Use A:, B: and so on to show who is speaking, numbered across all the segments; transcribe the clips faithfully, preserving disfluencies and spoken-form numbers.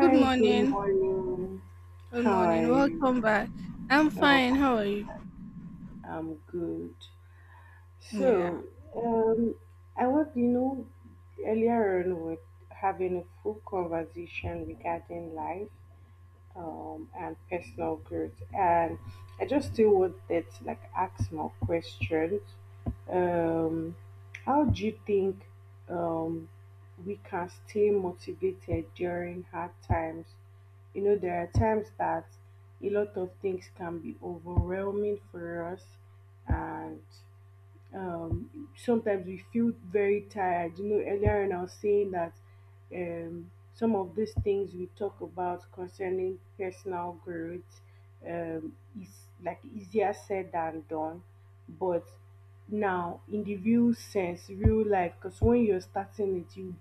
A: Good
B: good
A: morning.
B: morning.
A: Good
B: How
A: morning.
B: are
A: Welcome
B: you?
A: back. I'm
B: Oh,
A: fine. How are you?
B: I'm good.
A: Yeah.
B: So, um, I want you know earlier on we we're having a full conversation regarding life, um, and personal growth, and I just still wanted to like ask more questions. Um, how do you think um we can stay motivated during hard times? You know, there are times that a lot of things can be overwhelming for us, and um, sometimes we feel very tired. You know, earlier on I was saying that um, some of these things we talk about concerning personal growth um, is like easier said than done. But now, in the real sense, real life, because when you're starting it, you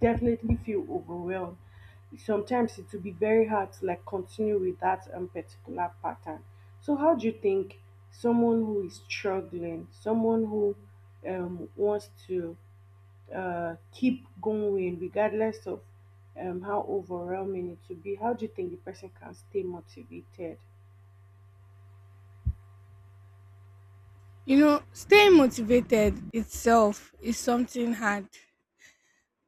B: definitely feel overwhelmed. Sometimes it will be very hard to like continue with that um, particular pattern. So how do you think someone who is struggling, someone who um, wants to uh, keep going regardless of um, how overwhelming it will be, how do you think the person can stay motivated?
A: You know, staying motivated itself is something hard.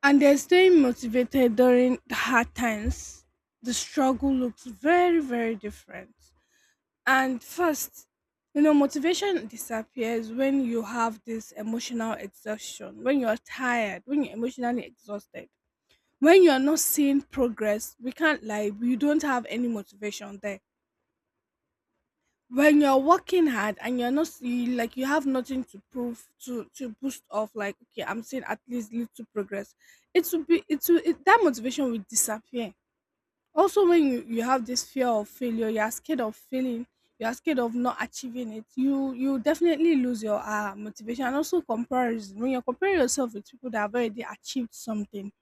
A: And then staying motivated during the hard times, the struggle looks very, very different. And first, you know, motivation disappears when you have this emotional exhaustion, when you're tired, when you're emotionally exhausted. When you're not seeing progress, we can't lie, we don't have any motivation there when you're working hard and you're not you, like you have nothing to prove to to boost off like, okay, I'm seeing at least little progress, it will be it will it, that motivation will disappear. Also when you, you have this fear of failure, you're scared of failing, you're scared of not achieving it. You you definitely lose your uh, motivation, and also comparison, when you compare yourself with people that have already achieved something,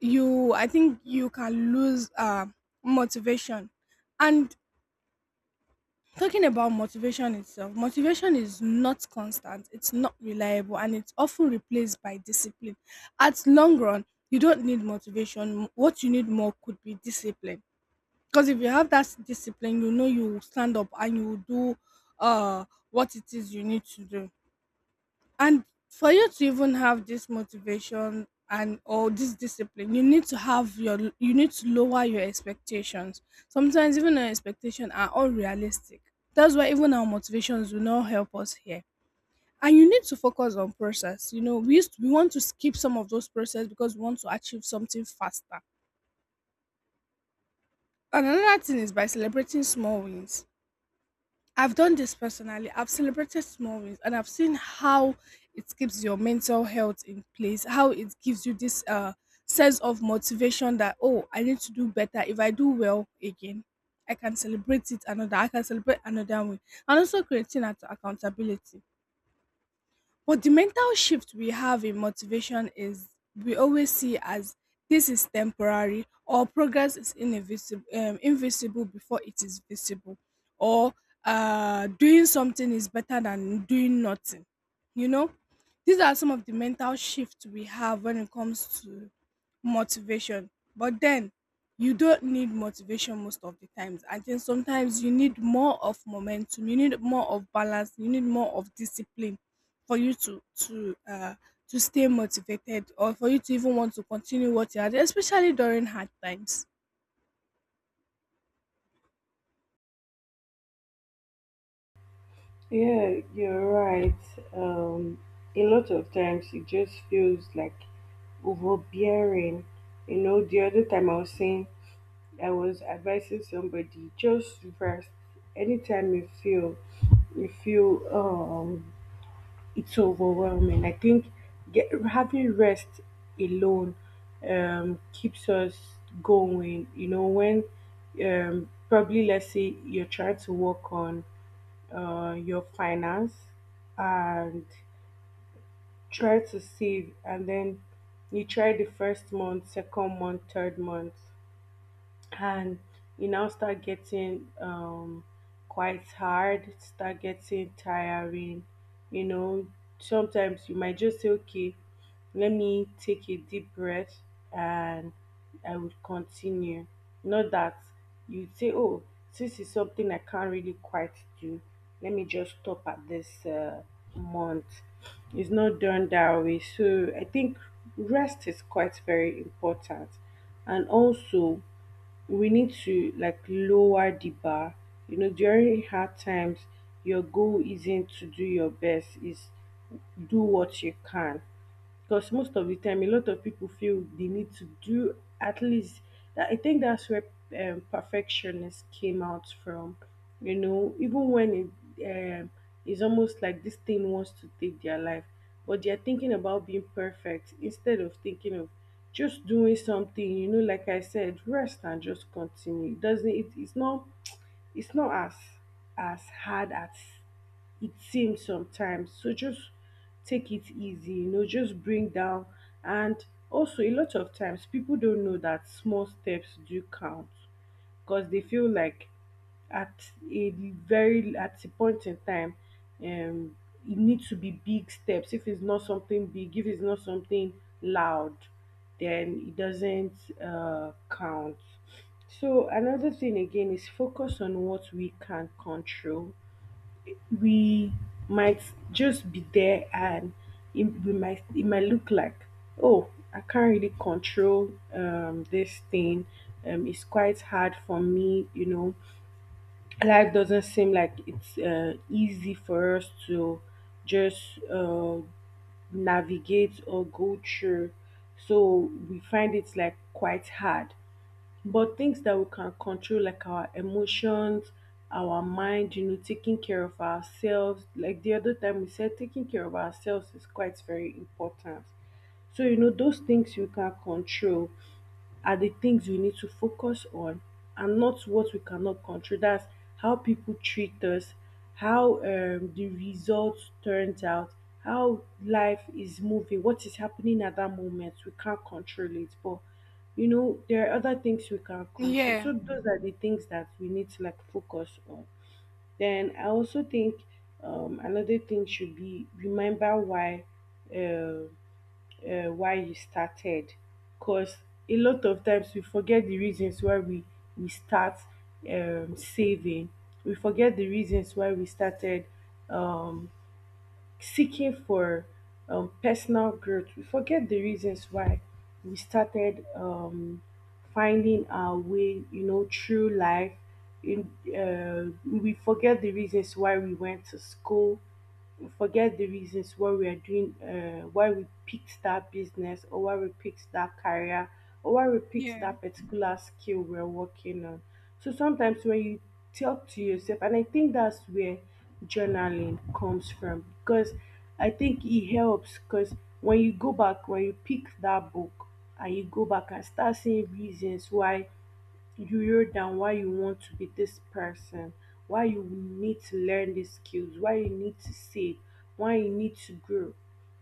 A: you I think you can lose uh, motivation. And talking about motivation itself, motivation is not constant, it's not reliable, and it's often replaced by discipline. At long run, you don't need motivation. What you need more could be discipline. Because if you have that discipline, you know you will stand up and you will do uh what it is you need to do. And for you to even have this motivation and or this discipline, you need to have your you need to lower your expectations. Sometimes even our expectations are unrealistic. That's why even our motivations will not help us here. And you need to focus on process. You know, we used we want to skip some of those process because we want to achieve something faster. And another thing is by celebrating small wins. I've done this personally. I've celebrated small wins, and I've seen how it keeps your mental health in place, how it gives you this uh sense of motivation that, oh, I need to do better. If I do well again, I can celebrate it another. I can celebrate another way. And also creating that accountability. But the mental shift we have in motivation is we always see as this is temporary, or progress is invisible, um, invisible before it is visible, or uh, doing something is better than doing nothing. You know, these are some of the mental shifts we have when it comes to motivation. But then you don't need motivation most of the times. I think sometimes you need more of momentum, you need more of balance, you need more of discipline for you to to uh to stay motivated, or for you to even want to continue what you are doing, especially during hard times.
B: Yeah, you're right. Um, a lot of times it just feels like overbearing. You know, the other time I was saying I was advising somebody just rest. Anytime you feel you feel um it's overwhelming. I think get, having rest alone um, keeps us going. You know, when um, probably let's say you're trying to work on uh, your finance and try to save, and then you try the first month, second month, third month, and you now start getting um quite hard, start getting tiring, you know. Sometimes you might just say, okay, let me take a deep breath and I will continue. Not that you say, oh, this is something I can't really quite do, let me just stop at this uh, month. It's not done that way, so I think rest is quite very important. And also, we need to like lower the bar. You know, during hard times, your goal isn't to do your best, is do what you can. Because most of the time, a lot of people feel they need to do at least. That, I think that's where um, perfectionists came out from. You know, even when it um, it's almost like this thing wants to take their life, but they're thinking about being perfect instead of thinking of just doing something. You know, like I said, rest and just continue. It doesn't it, it's not, it's not as as hard as it seems sometimes. So just take it easy, you know, just bring down. And also, a lot of times people don't know that small steps do count, because they feel like at a very at a point in time um it needs to be big steps. If it's not something big, if it's not something loud, then it doesn't uh, count. So another thing again is focus on what we can control. We might just be there and it, we might it might look like, oh, I can't really control um this thing, um it's quite hard for me. You know, life doesn't seem like it's uh, easy for us to just uh, navigate or go through, so we find it like quite hard. But things that we can control, like our emotions, our mind, you know, taking care of ourselves, like the other time we said, taking care of ourselves is quite very important. So you know those things you can control are the things we need to focus on, and not what we cannot control. That's how people treat us, how um, the results turns out, how life is moving, what is happening at that moment. We can't control it, but you know there are other things we can control.
A: Yeah,
B: So those are the things that we need to like focus on. Then I also think um, another thing should be remember why. Um, uh, why you started, because a lot of times we forget the reasons why we we start um, saving. We forget the reasons why we started um, seeking for um, personal growth. We forget the reasons why we started um, finding our way, you know, through life. In uh, We forget the reasons why we went to school. We forget the reasons why we are doing, uh, why we picked that business, or why we picked that career, or why we picked
A: yeah,
B: that particular skill we're working on. So sometimes when you talk to yourself, and I think that's where journaling comes from, because I think it helps, because when you go back, when you pick that book and you go back and start seeing reasons why you wrote down, why you want to be this person, why you need to learn these skills, why you need to save, why you need to grow.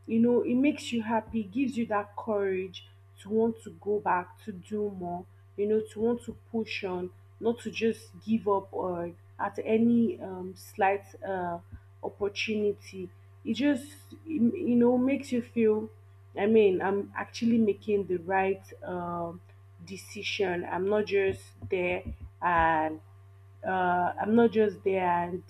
B: You know, it makes you happy, it gives you that courage to want to go back, to do more, you know, to want to push on, not to just give up or at any um, slight uh, opportunity. It just, you know, makes you feel, I mean, I'm actually making the right. Um, decision. I'm not just there and uh, I'm not just there and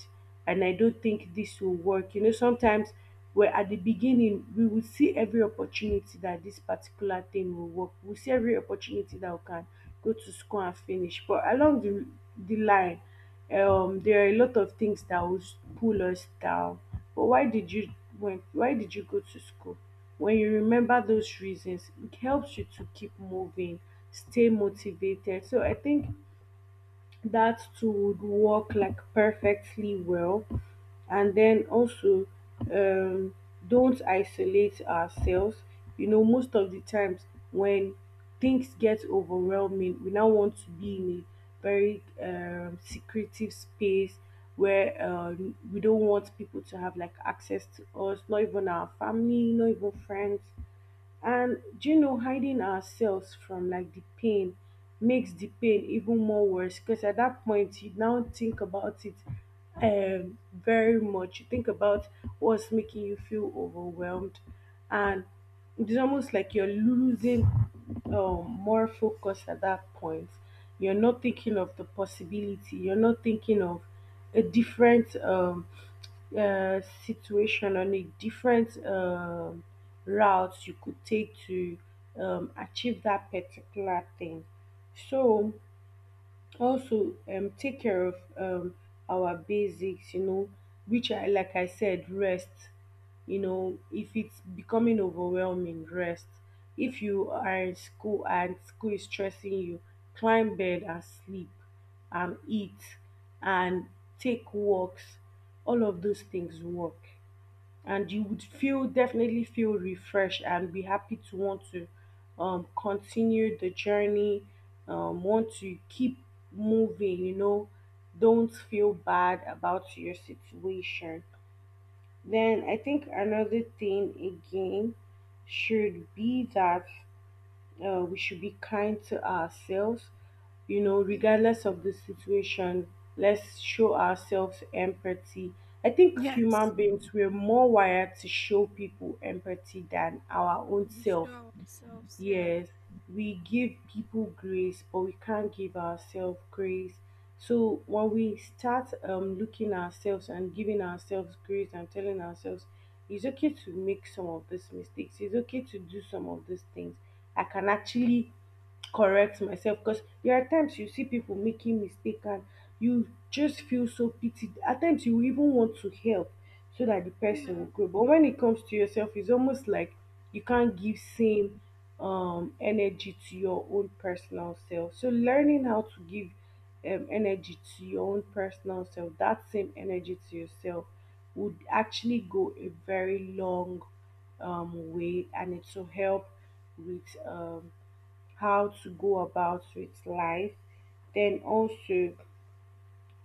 B: and I don't think this will work. You know, sometimes we're at the beginning, we will see every opportunity that this particular thing will work. We'll see every opportunity that we can go to school and finish. But along the the line, um, there are a lot of things that will s- pull us down. But why did you when why did you go to school? When you remember those reasons, it helps you to keep moving, stay motivated. So I think that too would work like perfectly well. And then also, um, don't isolate ourselves. You know, most of the times when things get overwhelming, we now want to be in a very um, secretive space where uh, we don't want people to have like access to us, not even our family, not even friends. And do you know, hiding ourselves from like the pain makes the pain even more worse, because at that point you now think about it um, very much. You think about what's making you feel overwhelmed, and it's almost like you're losing um, more focus at that point. You're not thinking of the possibility. You're not thinking of a different. Um, uh, situation on a different um route you could take to um, achieve that particular thing. So also um take care of um our basics, you know, which I like I said rest. You know, if it's becoming overwhelming, rest. If you are in school and school is stressing you, climb bed and sleep, and eat, and take walks. All of those things work, and you would feel definitely feel refreshed and be happy to want to um, continue the journey, um, want to keep moving, you know, don't feel bad about your situation. Then I think another thing again should be that uh, we should be kind to ourselves, you know,
A: yeah,
B: regardless of the situation. Let's show ourselves empathy. I think
A: yes,
B: human beings were more wired to show people empathy than our own
A: we
B: self.
A: show ourselves, yeah.
B: Yes, we give people grace, but we can't give ourselves grace. So when we start um, looking ourselves and giving ourselves grace and telling ourselves it's okay to make some of these mistakes, it's okay to do some of these things, I can actually correct myself. Because there are times you see people making mistake, and you just feel so pity at times, you even want to help so that the person will
A: Yeah,
B: grow. But when it comes to yourself, it's almost like you can't give same um energy to your own personal self. So learning how to give um, energy to your own personal self that same energy to yourself would actually go a very long um, way, and it will help with um, how to go about with life. Then also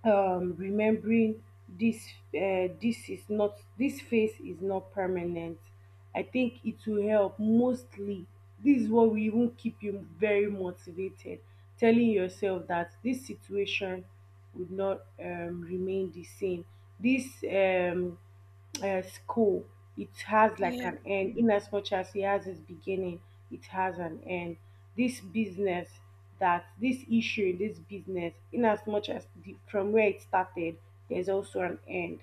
B: um, remembering this uh, this is not this phase is not permanent. I think it will help mostly. This is what will even keep you very motivated, telling yourself that this situation would not um, remain the same. This um, uh, School, it has like
A: yeah,
B: an end. In as much as it has its beginning, it has an end. This business, that this issue in this business, in as much as the, from where it started, there's also an end.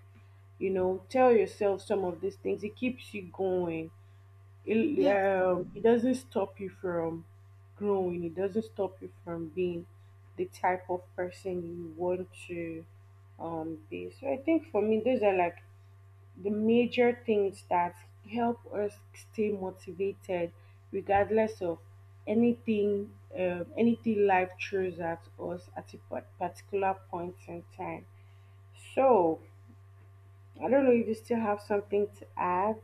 B: You know, tell yourself some of these things. It keeps you going. It
A: yes.
B: um, it doesn't stop you from growing. It doesn't stop you from being the type of person you want to um be. So I think for me, those are like the major things that help us stay motivated regardless of anything, um, anything life throws at us at a par- particular point in time. So I don't know if you still have something to add.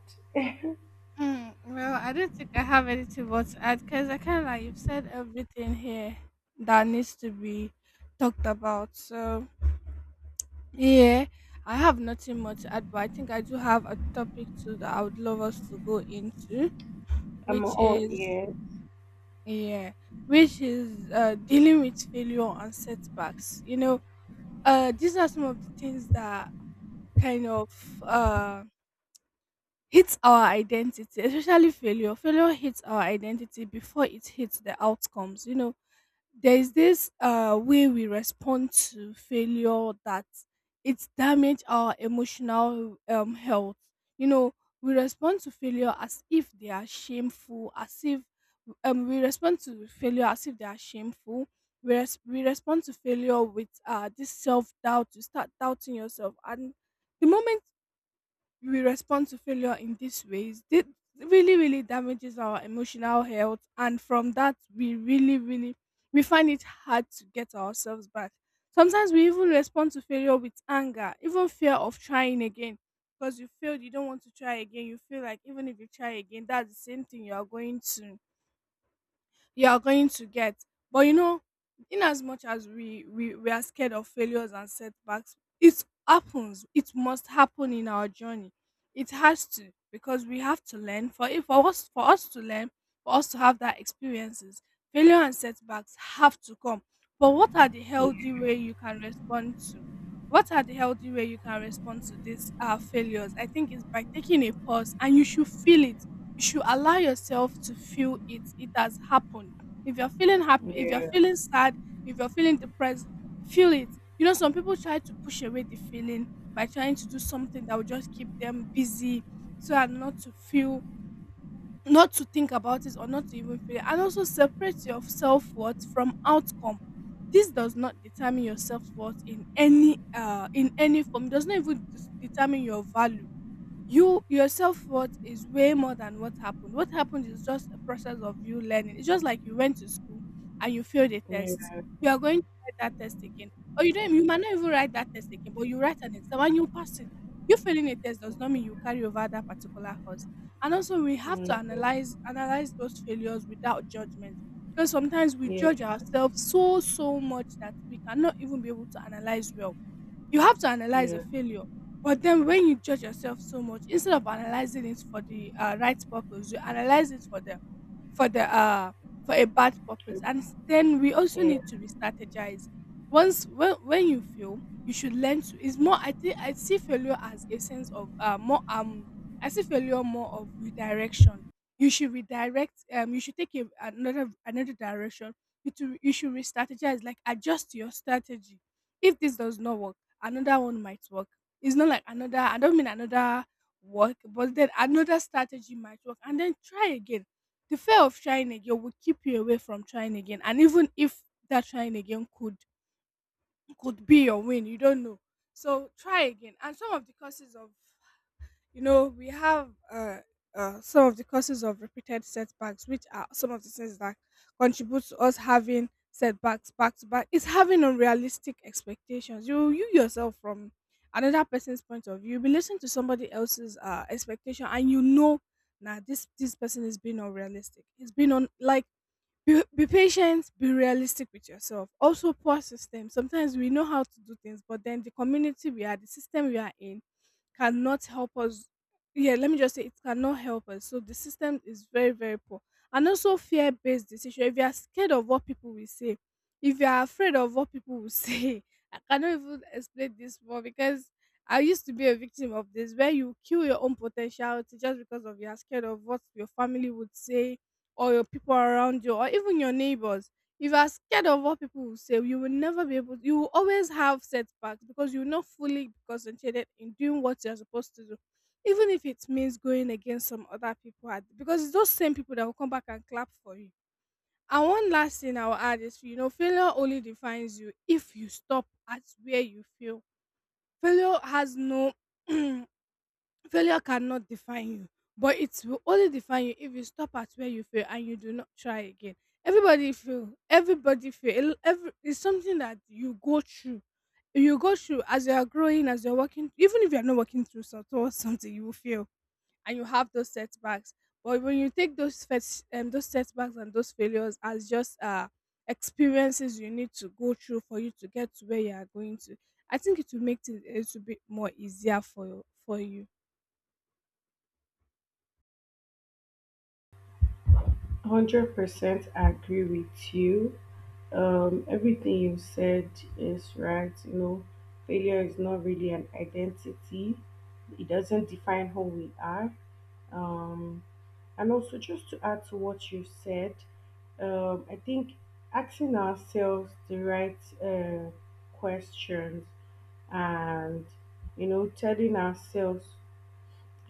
A: Mm, well, I don't think I have anything more to add because I kind of like you've said everything here that needs to be talked about. So, yeah, I have nothing more to add, but I think I do have a topic too that I would love us to go into,
B: I'm
A: which
B: all
A: is,
B: ears.
A: yeah, which is uh, dealing with failure and setbacks. You know, uh, these are some of the things that kind of uh, hits our identity, especially failure. Failure hits our identity before it hits the outcomes. You know, there's this uh, way we respond to failure that it damage our emotional um, health. You know, we respond to failure as if they are shameful, as if um, we respond to failure as if they are shameful. We, res- we respond to failure with uh, this self doubt. You start doubting yourself, and the moment we will respond to failure in these ways, it really, really damages our emotional health, and from that we really, really we find it hard to get ourselves back. Sometimes we even respond to failure with anger, even fear of trying again, because you failed, you don't want to try again. You feel like even if you try again, that's the same thing you are going to you are going to get. But you know, in as much as we, we we are scared of failures and setbacks, it happens. It must happen in our journey. It has to, because we have to learn. For if for us for us to learn, for us to have that experiences, failure and setbacks have to come. But what are the healthy way you can respond to? What are the healthy way you can respond to these uh, failures? I think it's by taking a pause, and you should feel it, you should allow yourself to feel it. It has happened. If you're feeling happy, if you're
B: Yeah
A: feeling sad, if you're feeling depressed, feel it. You know, some people try to push away the feeling by trying to do something that will just keep them busy, so as not to feel, not to think about it, or not to even feel it. And also separate your self-worth from outcome. This does not determine your self-worth in any uh in any form. It does not even dis- determine your value. You your self worth is way more than what happened. What happened is just a process of you learning. It's just like you went to school and you failed a
B: yeah
A: test.
B: yeah
A: You are going to write that test again. Or you don't you might not even write that test again, but you write an exam and you pass it. You failing a test does not mean you carry over that particular course. And also we have to
B: yeah
A: analyze analyze those failures without judgment. Because sometimes we
B: yeah
A: judge
B: yeah
A: ourselves so so much that we cannot even be able to analyze well. You have to analyze a
B: yeah.
A: failure, but then when you judge yourself so much, instead of analyzing it for the uh, right purpose, you analyze it for the for the uh for a bad
B: yeah,
A: purpose. And s- then we also
B: yeah.
A: need to be strategized. Once when when you fail, you should learn to. It's more. I think I see failure as a sense of uh more um. I see failure more of redirection. You should redirect. Um, you should take a, another another direction. you to you should re-strategize, like adjust your strategy. If this does not work, another one might work. It's not like another, I don't mean another work, but then another strategy might work. And then try again. The fear of trying again will keep you away from trying again. And even if that trying again could could be your win, you don't know. So try again. And some of the causes of, you know, we have uh, uh, some of the causes of repeated setbacks, which are some of the things that contribute to us having setbacks back to back. It's having unrealistic expectations. You, you yourself, from another person's point of view, you be listening to somebody else's uh, expectation, and you know, now this this person is being unrealistic. It's been on like. Be, be patient, be realistic with yourself. Also, poor system. Sometimes we know how to do things, but then the community we are, the system we are in, cannot help us. Yeah, let me just say it cannot help us. So the system is very, very poor. And also fear based decision. If you are scared of what people will say, if you are afraid of what people will say, I cannot even explain this more because I used to be a victim of this, where you kill your own potentiality just because of you are scared of what your family would say, or your people around you, or even your neighbors. If you are scared of what people will say, you will never be able. You will always have setbacks because you will not fully be concentrated in doing what you are supposed to do, even if it means going against some other people. at- Because it's those same people that will come back and clap for you. And one last thing I will add is, you know, failure only defines you if you stop at where you feel. Failure has no Failure cannot define you, but it will only define you if you stop at where you fail and you do not try again. Everybody fail. Everybody fail. It- Every, it's something that you go through. You go through as you are growing, as you're working. Even if you're not working through some- towards something, you will fail and you have those setbacks. But when you take those first, um, those setbacks and those failures as just uh experiences you need to go through for you to get to where you are going to, I think it will make it, it will be more easier for for you.
B: one Hundred percent agree with you. Um, everything you said is right. You know, failure is not really an identity. It doesn't define who we are. Um, and also, just to add to what you said, um, I think asking ourselves the right uh, questions and you know telling ourselves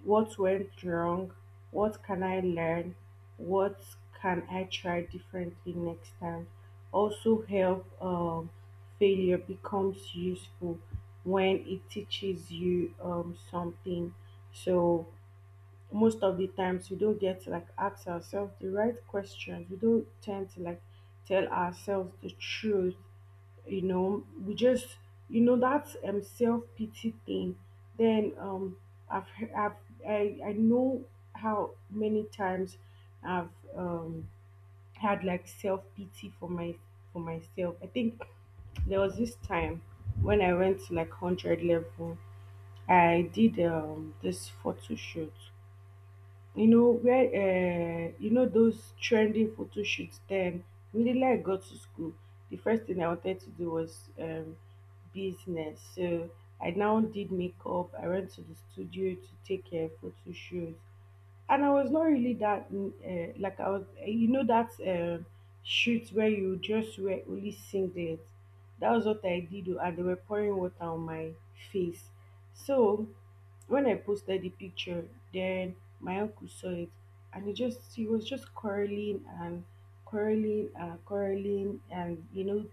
B: what went wrong? What can I learn? What can I try differently next time? Also, help um, failure becomes useful when it teaches you um, something. So, most of the times we don't get to like ask ourselves the right questions. We don't tend to like tell ourselves the truth, you know, we just, you know, that um self-pity thing, then um i've he- i've i, I know how many times I've um had like self-pity for my for myself. I think there was this time when I went to like one hundred level. I did um this photo shoot, you know, where um you know those trending photo shoots. Then immediately I got to school, the first thing I wanted to do was um business. So I now did makeup, I went to the studio to take um photo shoots, and I was not really that mm, uh, like I was, you know, that um shoot where you just wear only singlet. That was what I did, oh, and they were pouring water on my face. So when I posted the picture, then my uncle saw it, and he just he was just quarreling and quarreling and quarreling, and you know,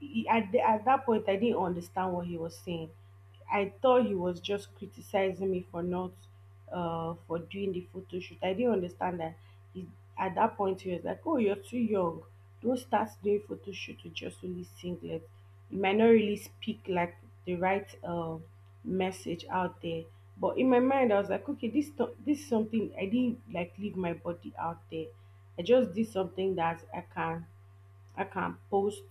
B: he, at the, at that point I didn't understand what he was saying. I thought he was just criticizing me for not uh for doing the photo shoot. I didn't understand that he at that point he was like, oh, you're too young. Don't start doing photo shoot with just only singlet. You might not really speak like the right uh, message out there. But in my mind I was like, okay, this th- this is something, I didn't like leave my body out there. I just did something that I can I can post,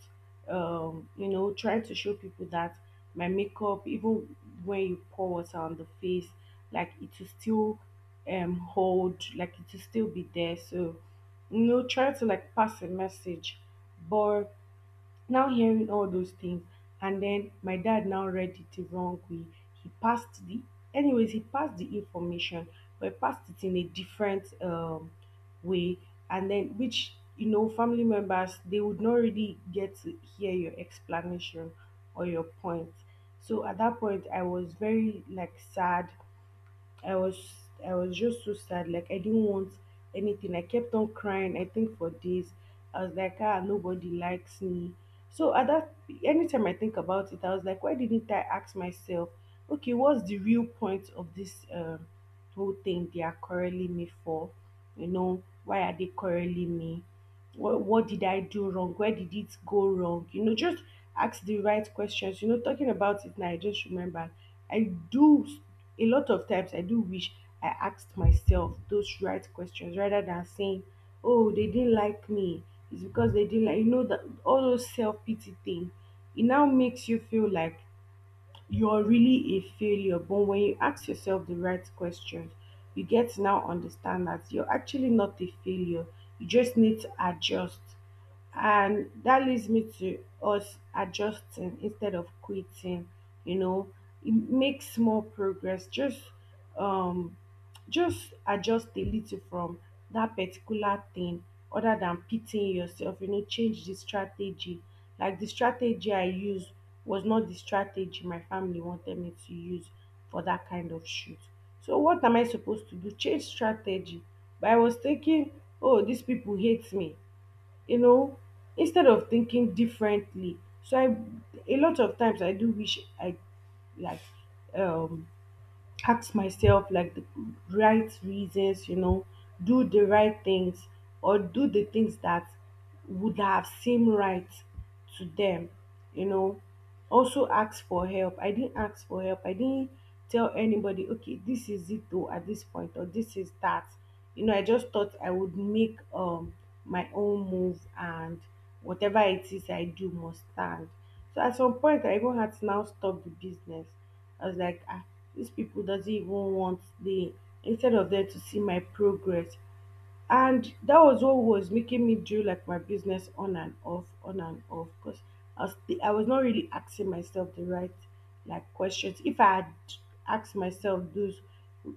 B: um, you know, trying to show people that my makeup, even when you pour water on the face, like it will still um hold, like it will still be there. So, you know, try to like pass a message. But now hearing all those things, and then my dad now read it the wrong way. He passed the, anyways, he passed the information, but he passed it in a different um, way, and then which you know family members, they would not really get to hear your explanation or your point. So at that point, I was very like sad I was I was just so sad. Like I didn't want anything. I kept on crying, I think for days. I was like, ah, nobody likes me. So at that anytime I think about it, I was like, why didn't I ask myself, okay, what's the real point of this um whole thing they are quarreling me for? You know, why are they quarreling me? what, what did I do wrong? Where did it go wrong? You know, just ask the right questions. You know, talking about it now, I just remember I do a lot of times I do wish I asked myself those right questions rather than saying, oh, they didn't like me. It's because they didn't like, you know, that all those self pity thing. It now makes you feel like you're really a failure. But when you ask yourself the right questions, you get to now understand that you're actually not a failure. You just need to adjust, and that leads me to us adjusting instead of quitting, you know, make small progress, just um just adjust a little from that particular thing, other than pitying yourself, you know, change the strategy. Like the strategy I used was not the strategy my family wanted me to use for that kind of shoot. So what am I supposed to do? Change strategy. But I was thinking, oh, these people hate me, you know, instead of thinking differently. So I a lot of times I do wish I like um ask myself like the right reasons, you know, do the right things or do the things that would have seemed right to them, you know. Also ask for help. I didn't ask for help. I didn't tell anybody, okay, this is it though at this point or this is that. You know, I just thought I would make um my own move, and whatever it is I do must stand. So at some point I even had to now stop the business. I was like, ah, these people doesn't even want the, instead of them to see my progress. And that was what was making me do like my business on and off, on and off, because I was I was not really asking myself the right like questions. If I had asked myself those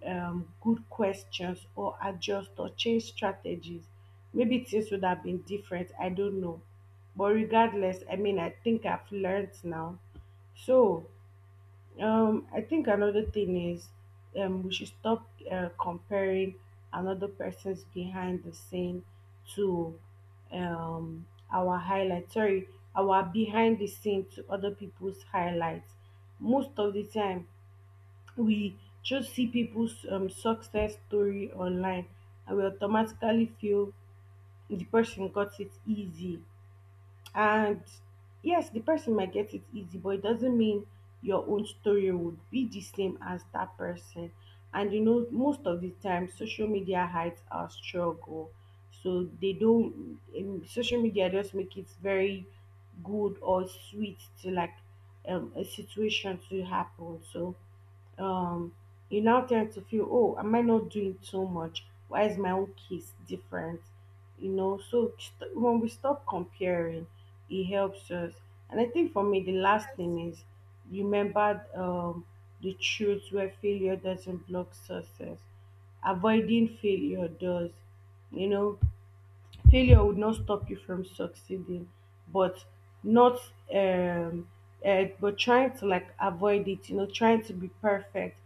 B: um, good questions or adjust or change strategies, maybe things would have been different. I don't know. But regardless, I mean, I think I've learned now. So um, I think another thing is, um, we should stop uh, comparing another person's behind the scene to um, our highlight. Sorry, our behind the scene to other people's highlights. Most of the time, we just see people's um, success story online, and we automatically feel the person got it easy, and yes, the person might get it easy, but it doesn't mean your own story would be the same as that person. And you know, most of the time, social media hides our struggle, so they don't. Um, social media just make it very good or sweet to like um, a situation to happen. So um you now tend to feel, oh, am I not doing too much? Why is my own case different? You know, so st- when we stop comparing, it helps us. And I think for me the last thing is, remember um the truth where failure doesn't block success, avoiding failure does. You know, failure would not stop you from succeeding, but not um uh, but trying to like avoid it, you know, trying to be perfect.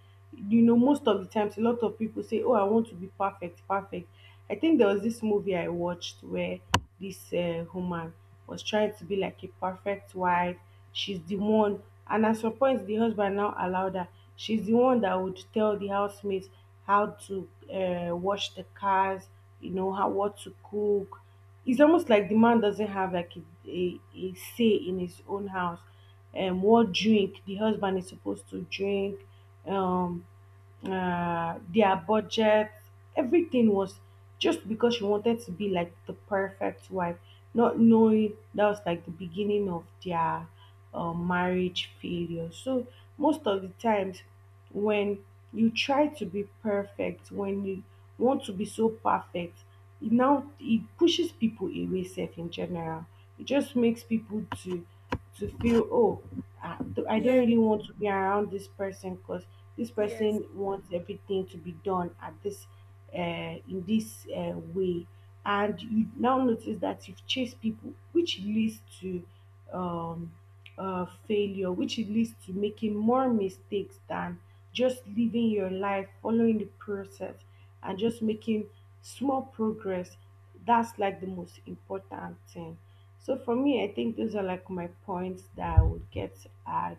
B: You know, most of the times a lot of people say, oh, I want to be perfect perfect. I think there was this movie I watched where this uh, woman was trying to be like a perfect wife. She's the one, and at some point the husband now allowed her, she's the one that would tell the housemates how to uh, wash the cars, you know how, what to cook. It's almost like the man doesn't have like a, a, a say in his own house, and what drink the husband is supposed to drink, um uh, their budget, everything was just because she wanted to be like the perfect wife, not knowing that was like the beginning of their uh, marriage failure. So most of the times, when you try to be perfect, when you want to be so perfect, it now it pushes people away. Self in general, it just makes people to to feel, oh, I I don't
A: Yeah.
B: really want to be around this person because this
A: Yes.
B: person wants everything to be done at this uh, in this uh, way, and you now notice that you've chased people, which leads to um, uh, failure, which leads to making more mistakes than just living your life following the process and just making small progress. That's like the most important thing. So for me, I think those are like my points that I would get to add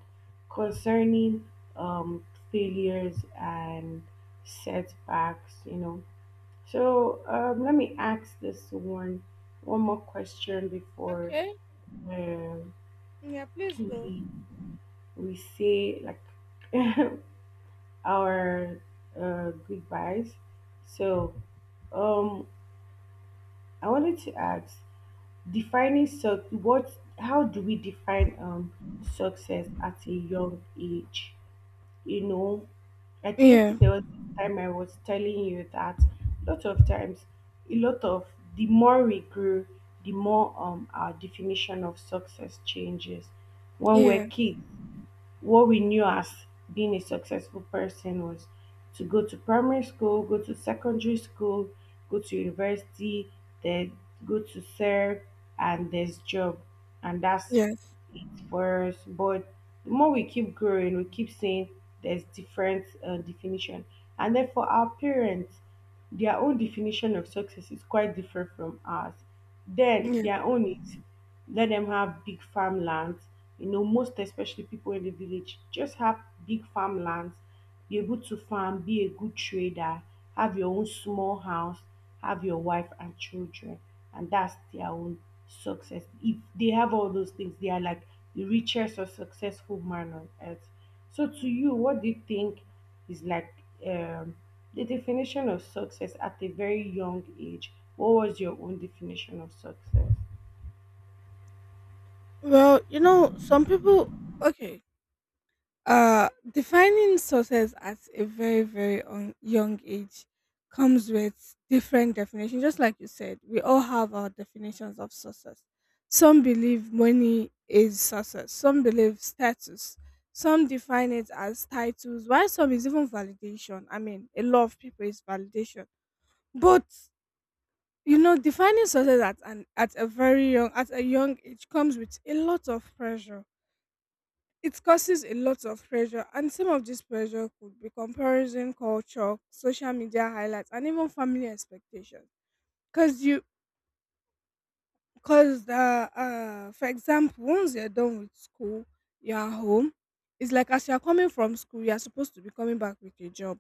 B: concerning um, failures and setbacks. You know. So um, let me ask this one one more question before
A: Okay.
B: um
A: Yeah. Please go.
B: we we say like our uh, goodbyes. So um, I wanted to ask. Defining suc what How do we define um success at a young age? You know, I think
A: Yeah,
B: there was this time I was telling you that a lot of times a lot of the more we grow, the more um our definition of success changes. When
A: yeah,
B: we're kids, what we knew as being a successful person was to go to primary school, go to secondary school, go to university, then go to serve, and there's job, and that's
A: yes,
B: it for us. But the more we keep growing, we keep saying there's different uh, definition, and then for our parents, their own definition of success is quite different from ours. Then
A: yeah.
B: their own is let them have big farmlands. You know, most especially people in the village just have big farmlands, be able to farm, be a good trader, have your own small house, have your wife and children, and that's their own success. If they have all those things, they are like the richest or successful man on earth. So to you, what do you think is like um, the definition of success at a very young age? What was your own definition of success?
A: Well, you know, some people, okay, uh, defining success at a very, very un- young age comes with different definitions. Just like you said, we all have our definitions of success. Some believe money is success, some believe status, some define it as titles, while some is even validation. I mean, a lot of people is validation. But you know defining success at an at a very young at a young age comes with a lot of pressure. It causes a lot of pressure, and some of this pressure could be comparison culture, social media highlights, and even family expectations. Because you because the uh For example, once you're done with school, you're at home. It's like as you're coming from school, you're supposed to be coming back with a job.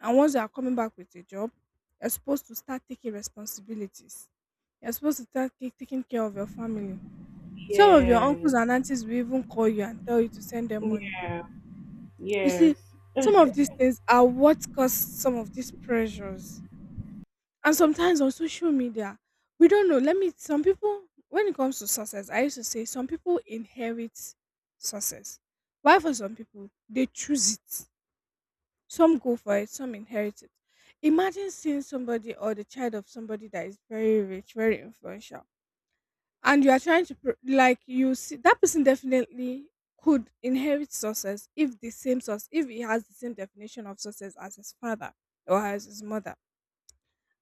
A: And once you're coming back with a job, you're supposed to start taking responsibilities. You're supposed to start ta- taking care of your family. Some of your uncles
B: Yes,
A: and aunties will even call you and tell you to send them money.
B: yeah,
A: You see,
B: yes,
A: some of these things are what cause some of these pressures. And sometimes on social media, we don't know. Let me, some people, when it comes to success, I used to say some people inherit success. Why for some people, they choose it. Some go for it, some inherit it. Imagine seeing somebody or the child of somebody that is very rich, very influential, and you are trying to pr- like you see that person definitely could inherit success if the same source if he has the same definition of success as his father or as his mother.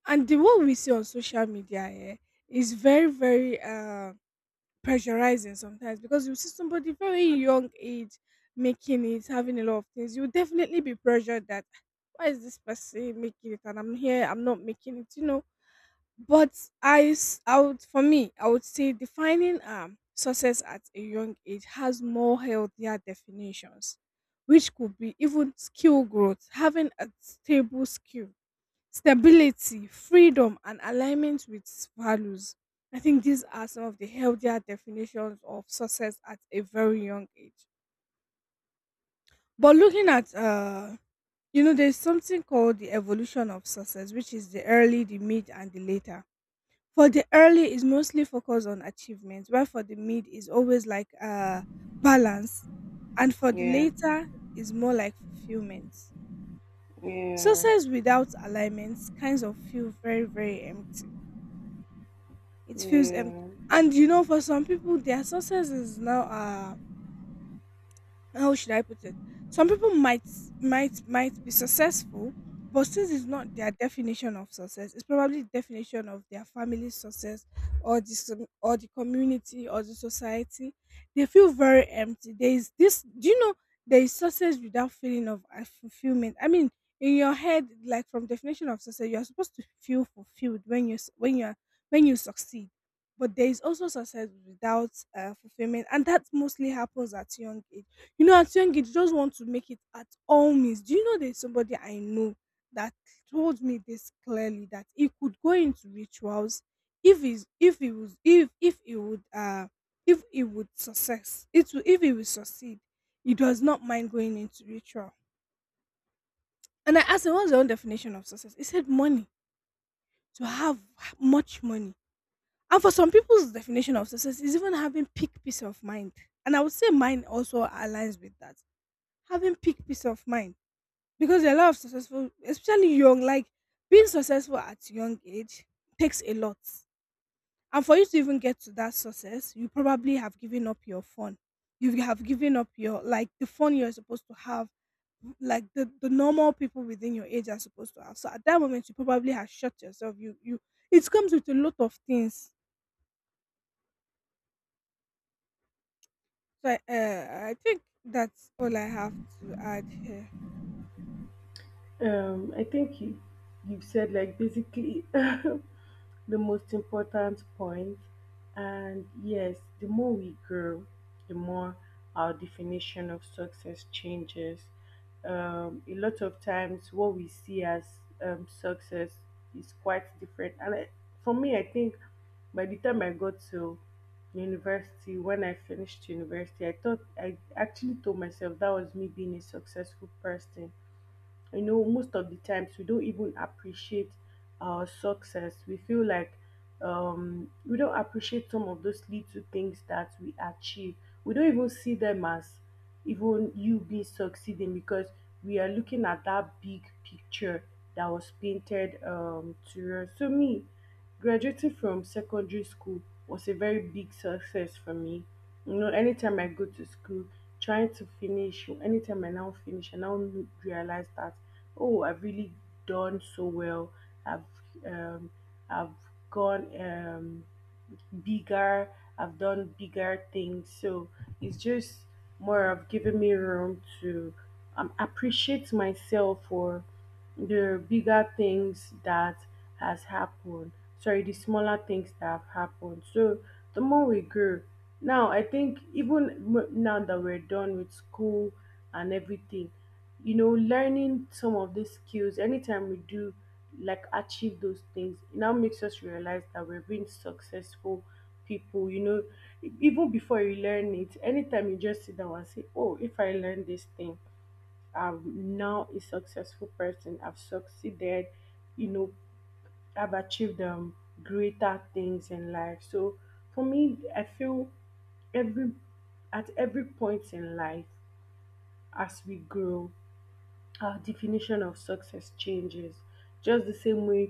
A: And the one we see on social media here is very very uh pressurizing sometimes, because you see somebody very young age making it, having a lot of things. You definitely be pressured that why is this person making it and I'm here, I'm not making it, you know? But I, s- I would, for me, I would say defining um, success at a young age has more healthier definitions, which could be even skill growth, having a stable skill, stability, freedom, and alignment with values. I think these are some of the healthier definitions of success at a very young age. But looking at, uh, you know, There's something called the evolution of success, which is the early, the mid, and the later. For the early is mostly focused on achievement, while for the mid is always like uh balance, and for the
B: yeah,
A: later is more like fulfillment.
B: yeah,
A: Success without alignment kinds of feel very, very empty. It feels empty.
B: yeah.
A: And you know, for some people, their success is now uh how should I put it? Some people might might might be successful, but since it's not their definition of success, it's probably the definition of their family's success, or the som- or the community or the society. They feel very empty. There is this. Do you know there is success without feeling of uh, fulfillment? I mean, in your head, like from definition of success, you are supposed to feel fulfilled when you s- when you are when you succeed. But there is also success without uh, fulfillment, and that mostly happens at young age. You know, at young age, you just want to make it at all means. Do you know there's somebody I know that told me this clearly, that he could go into rituals if he's if he was if if he would uh if he would success it will if he will succeed, he does not mind going into ritual. And I asked him, what's your own definition of success? He said money, to have much money. And for some people's definition of success is even having peak peace of mind. And I would say mine also aligns with that. Having peak peace of mind, because a lot of successful especially young like being successful at young age takes a lot. And for you to even get to that success, you probably have given up your fun. You have given up your, like, the fun you're supposed to have, like the, the normal people within your age are supposed to have. So at that moment, you probably have shut yourself. you you It comes with a lot of things. So i, uh, I think that's all I have to add here.
B: Um, I think you you said, like, basically the most important point. And yes, the more we grow, the more our definition of success changes. Um, a lot of times, what we see as um, success is quite different. And I, for me, I think by the time I got to university, when I finished university, I thought, I actually told myself that was me being a successful person. You know, most of the times we don't even appreciate our success. We feel like, um we don't appreciate some of those little things that we achieve. We don't even see them as even you being succeeding, because we are looking at that big picture that was painted um to us. So me, graduating from secondary school was a very big success for me. You know, anytime I go to school, trying to finish, anytime I now finish, I now n- realize that, oh, I've really done so well. I've um, I've gone, um, bigger. I've done bigger things. So it's just more of giving me room to um, appreciate myself for the bigger things that has happened, sorry, the smaller things that have happened. So the more we grow now, I think, even m- now that we're done with school and everything, you know, learning some of these skills, anytime we do like achieve those things, it now makes us realize that we're being successful people, you know. E- even before you learn it, anytime you just sit down and say, oh, if I learn this thing, I'm now a successful person. I've succeeded, you know, I've achieved, um, greater things in life. So for me, I feel every, at every point in life as we grow, our definition of success changes. Just the same way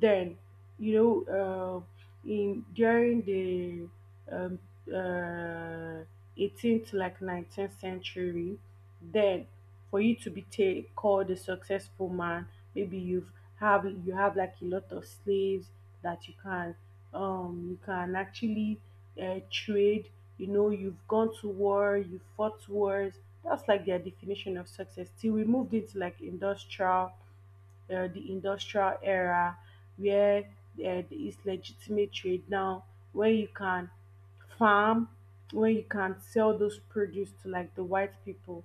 B: then, you know, uh, in during the um, uh, eighteenth to like nineteenth century, then for you to be ta- called a successful man, maybe you've, have you have like a lot of slaves that you can, um you can actually uh, trade, you know, you've gone to war, you fought wars. That's like their definition of success. Till we moved into like industrial, uh, the industrial era, where, uh, there is legitimate trade now, where you can farm, where you can sell those produce to like the white people.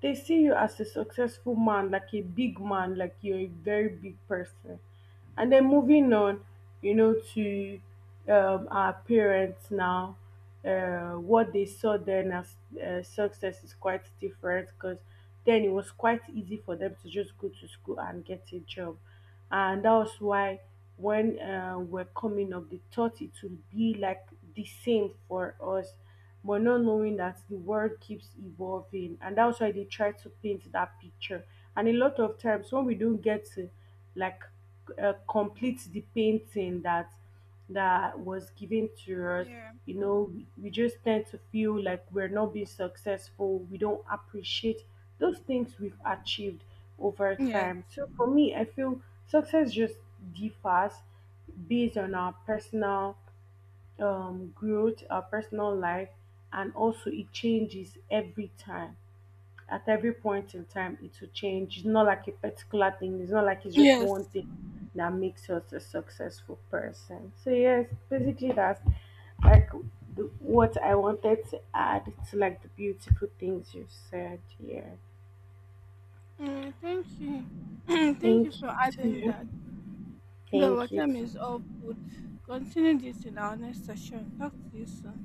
B: They see you as a successful man, like a big man, like you're a very big person. And then moving on, you know, to, um, our parents now, uh, what they saw then as uh, success is quite different, because then it was quite easy for them to just go to school and get a job. And that was why when, uh, we're coming up, they thought it would be like the same for us, but not knowing that the world keeps evolving. And that's why they try to paint that picture. And a lot of times when we don't get to, like, uh, complete the painting that that was given to us,
A: Yeah.
B: you know, we, we just tend to feel like we're not being successful. We don't appreciate those things we've achieved over
A: Yeah.
B: time. So for me, I feel success just differs based on our personal, um, growth, our personal life, and also it changes every time. At every point in time it will change. It's not like a particular thing, it's not like it's just one
A: Yes.
B: thing that makes us a successful person. So yes, basically, that's like the, what I wanted to add to, like, the beautiful things you said here.
A: Uh, thank you. Thank you
B: Thank
A: for
B: you
A: adding
B: too.
A: that. The
B: Thank you.
A: water is all food. Continue this in our next session. Talk to you soon.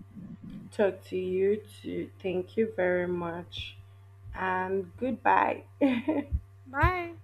B: To talk to you too, thank you very much, and goodbye.
A: Bye.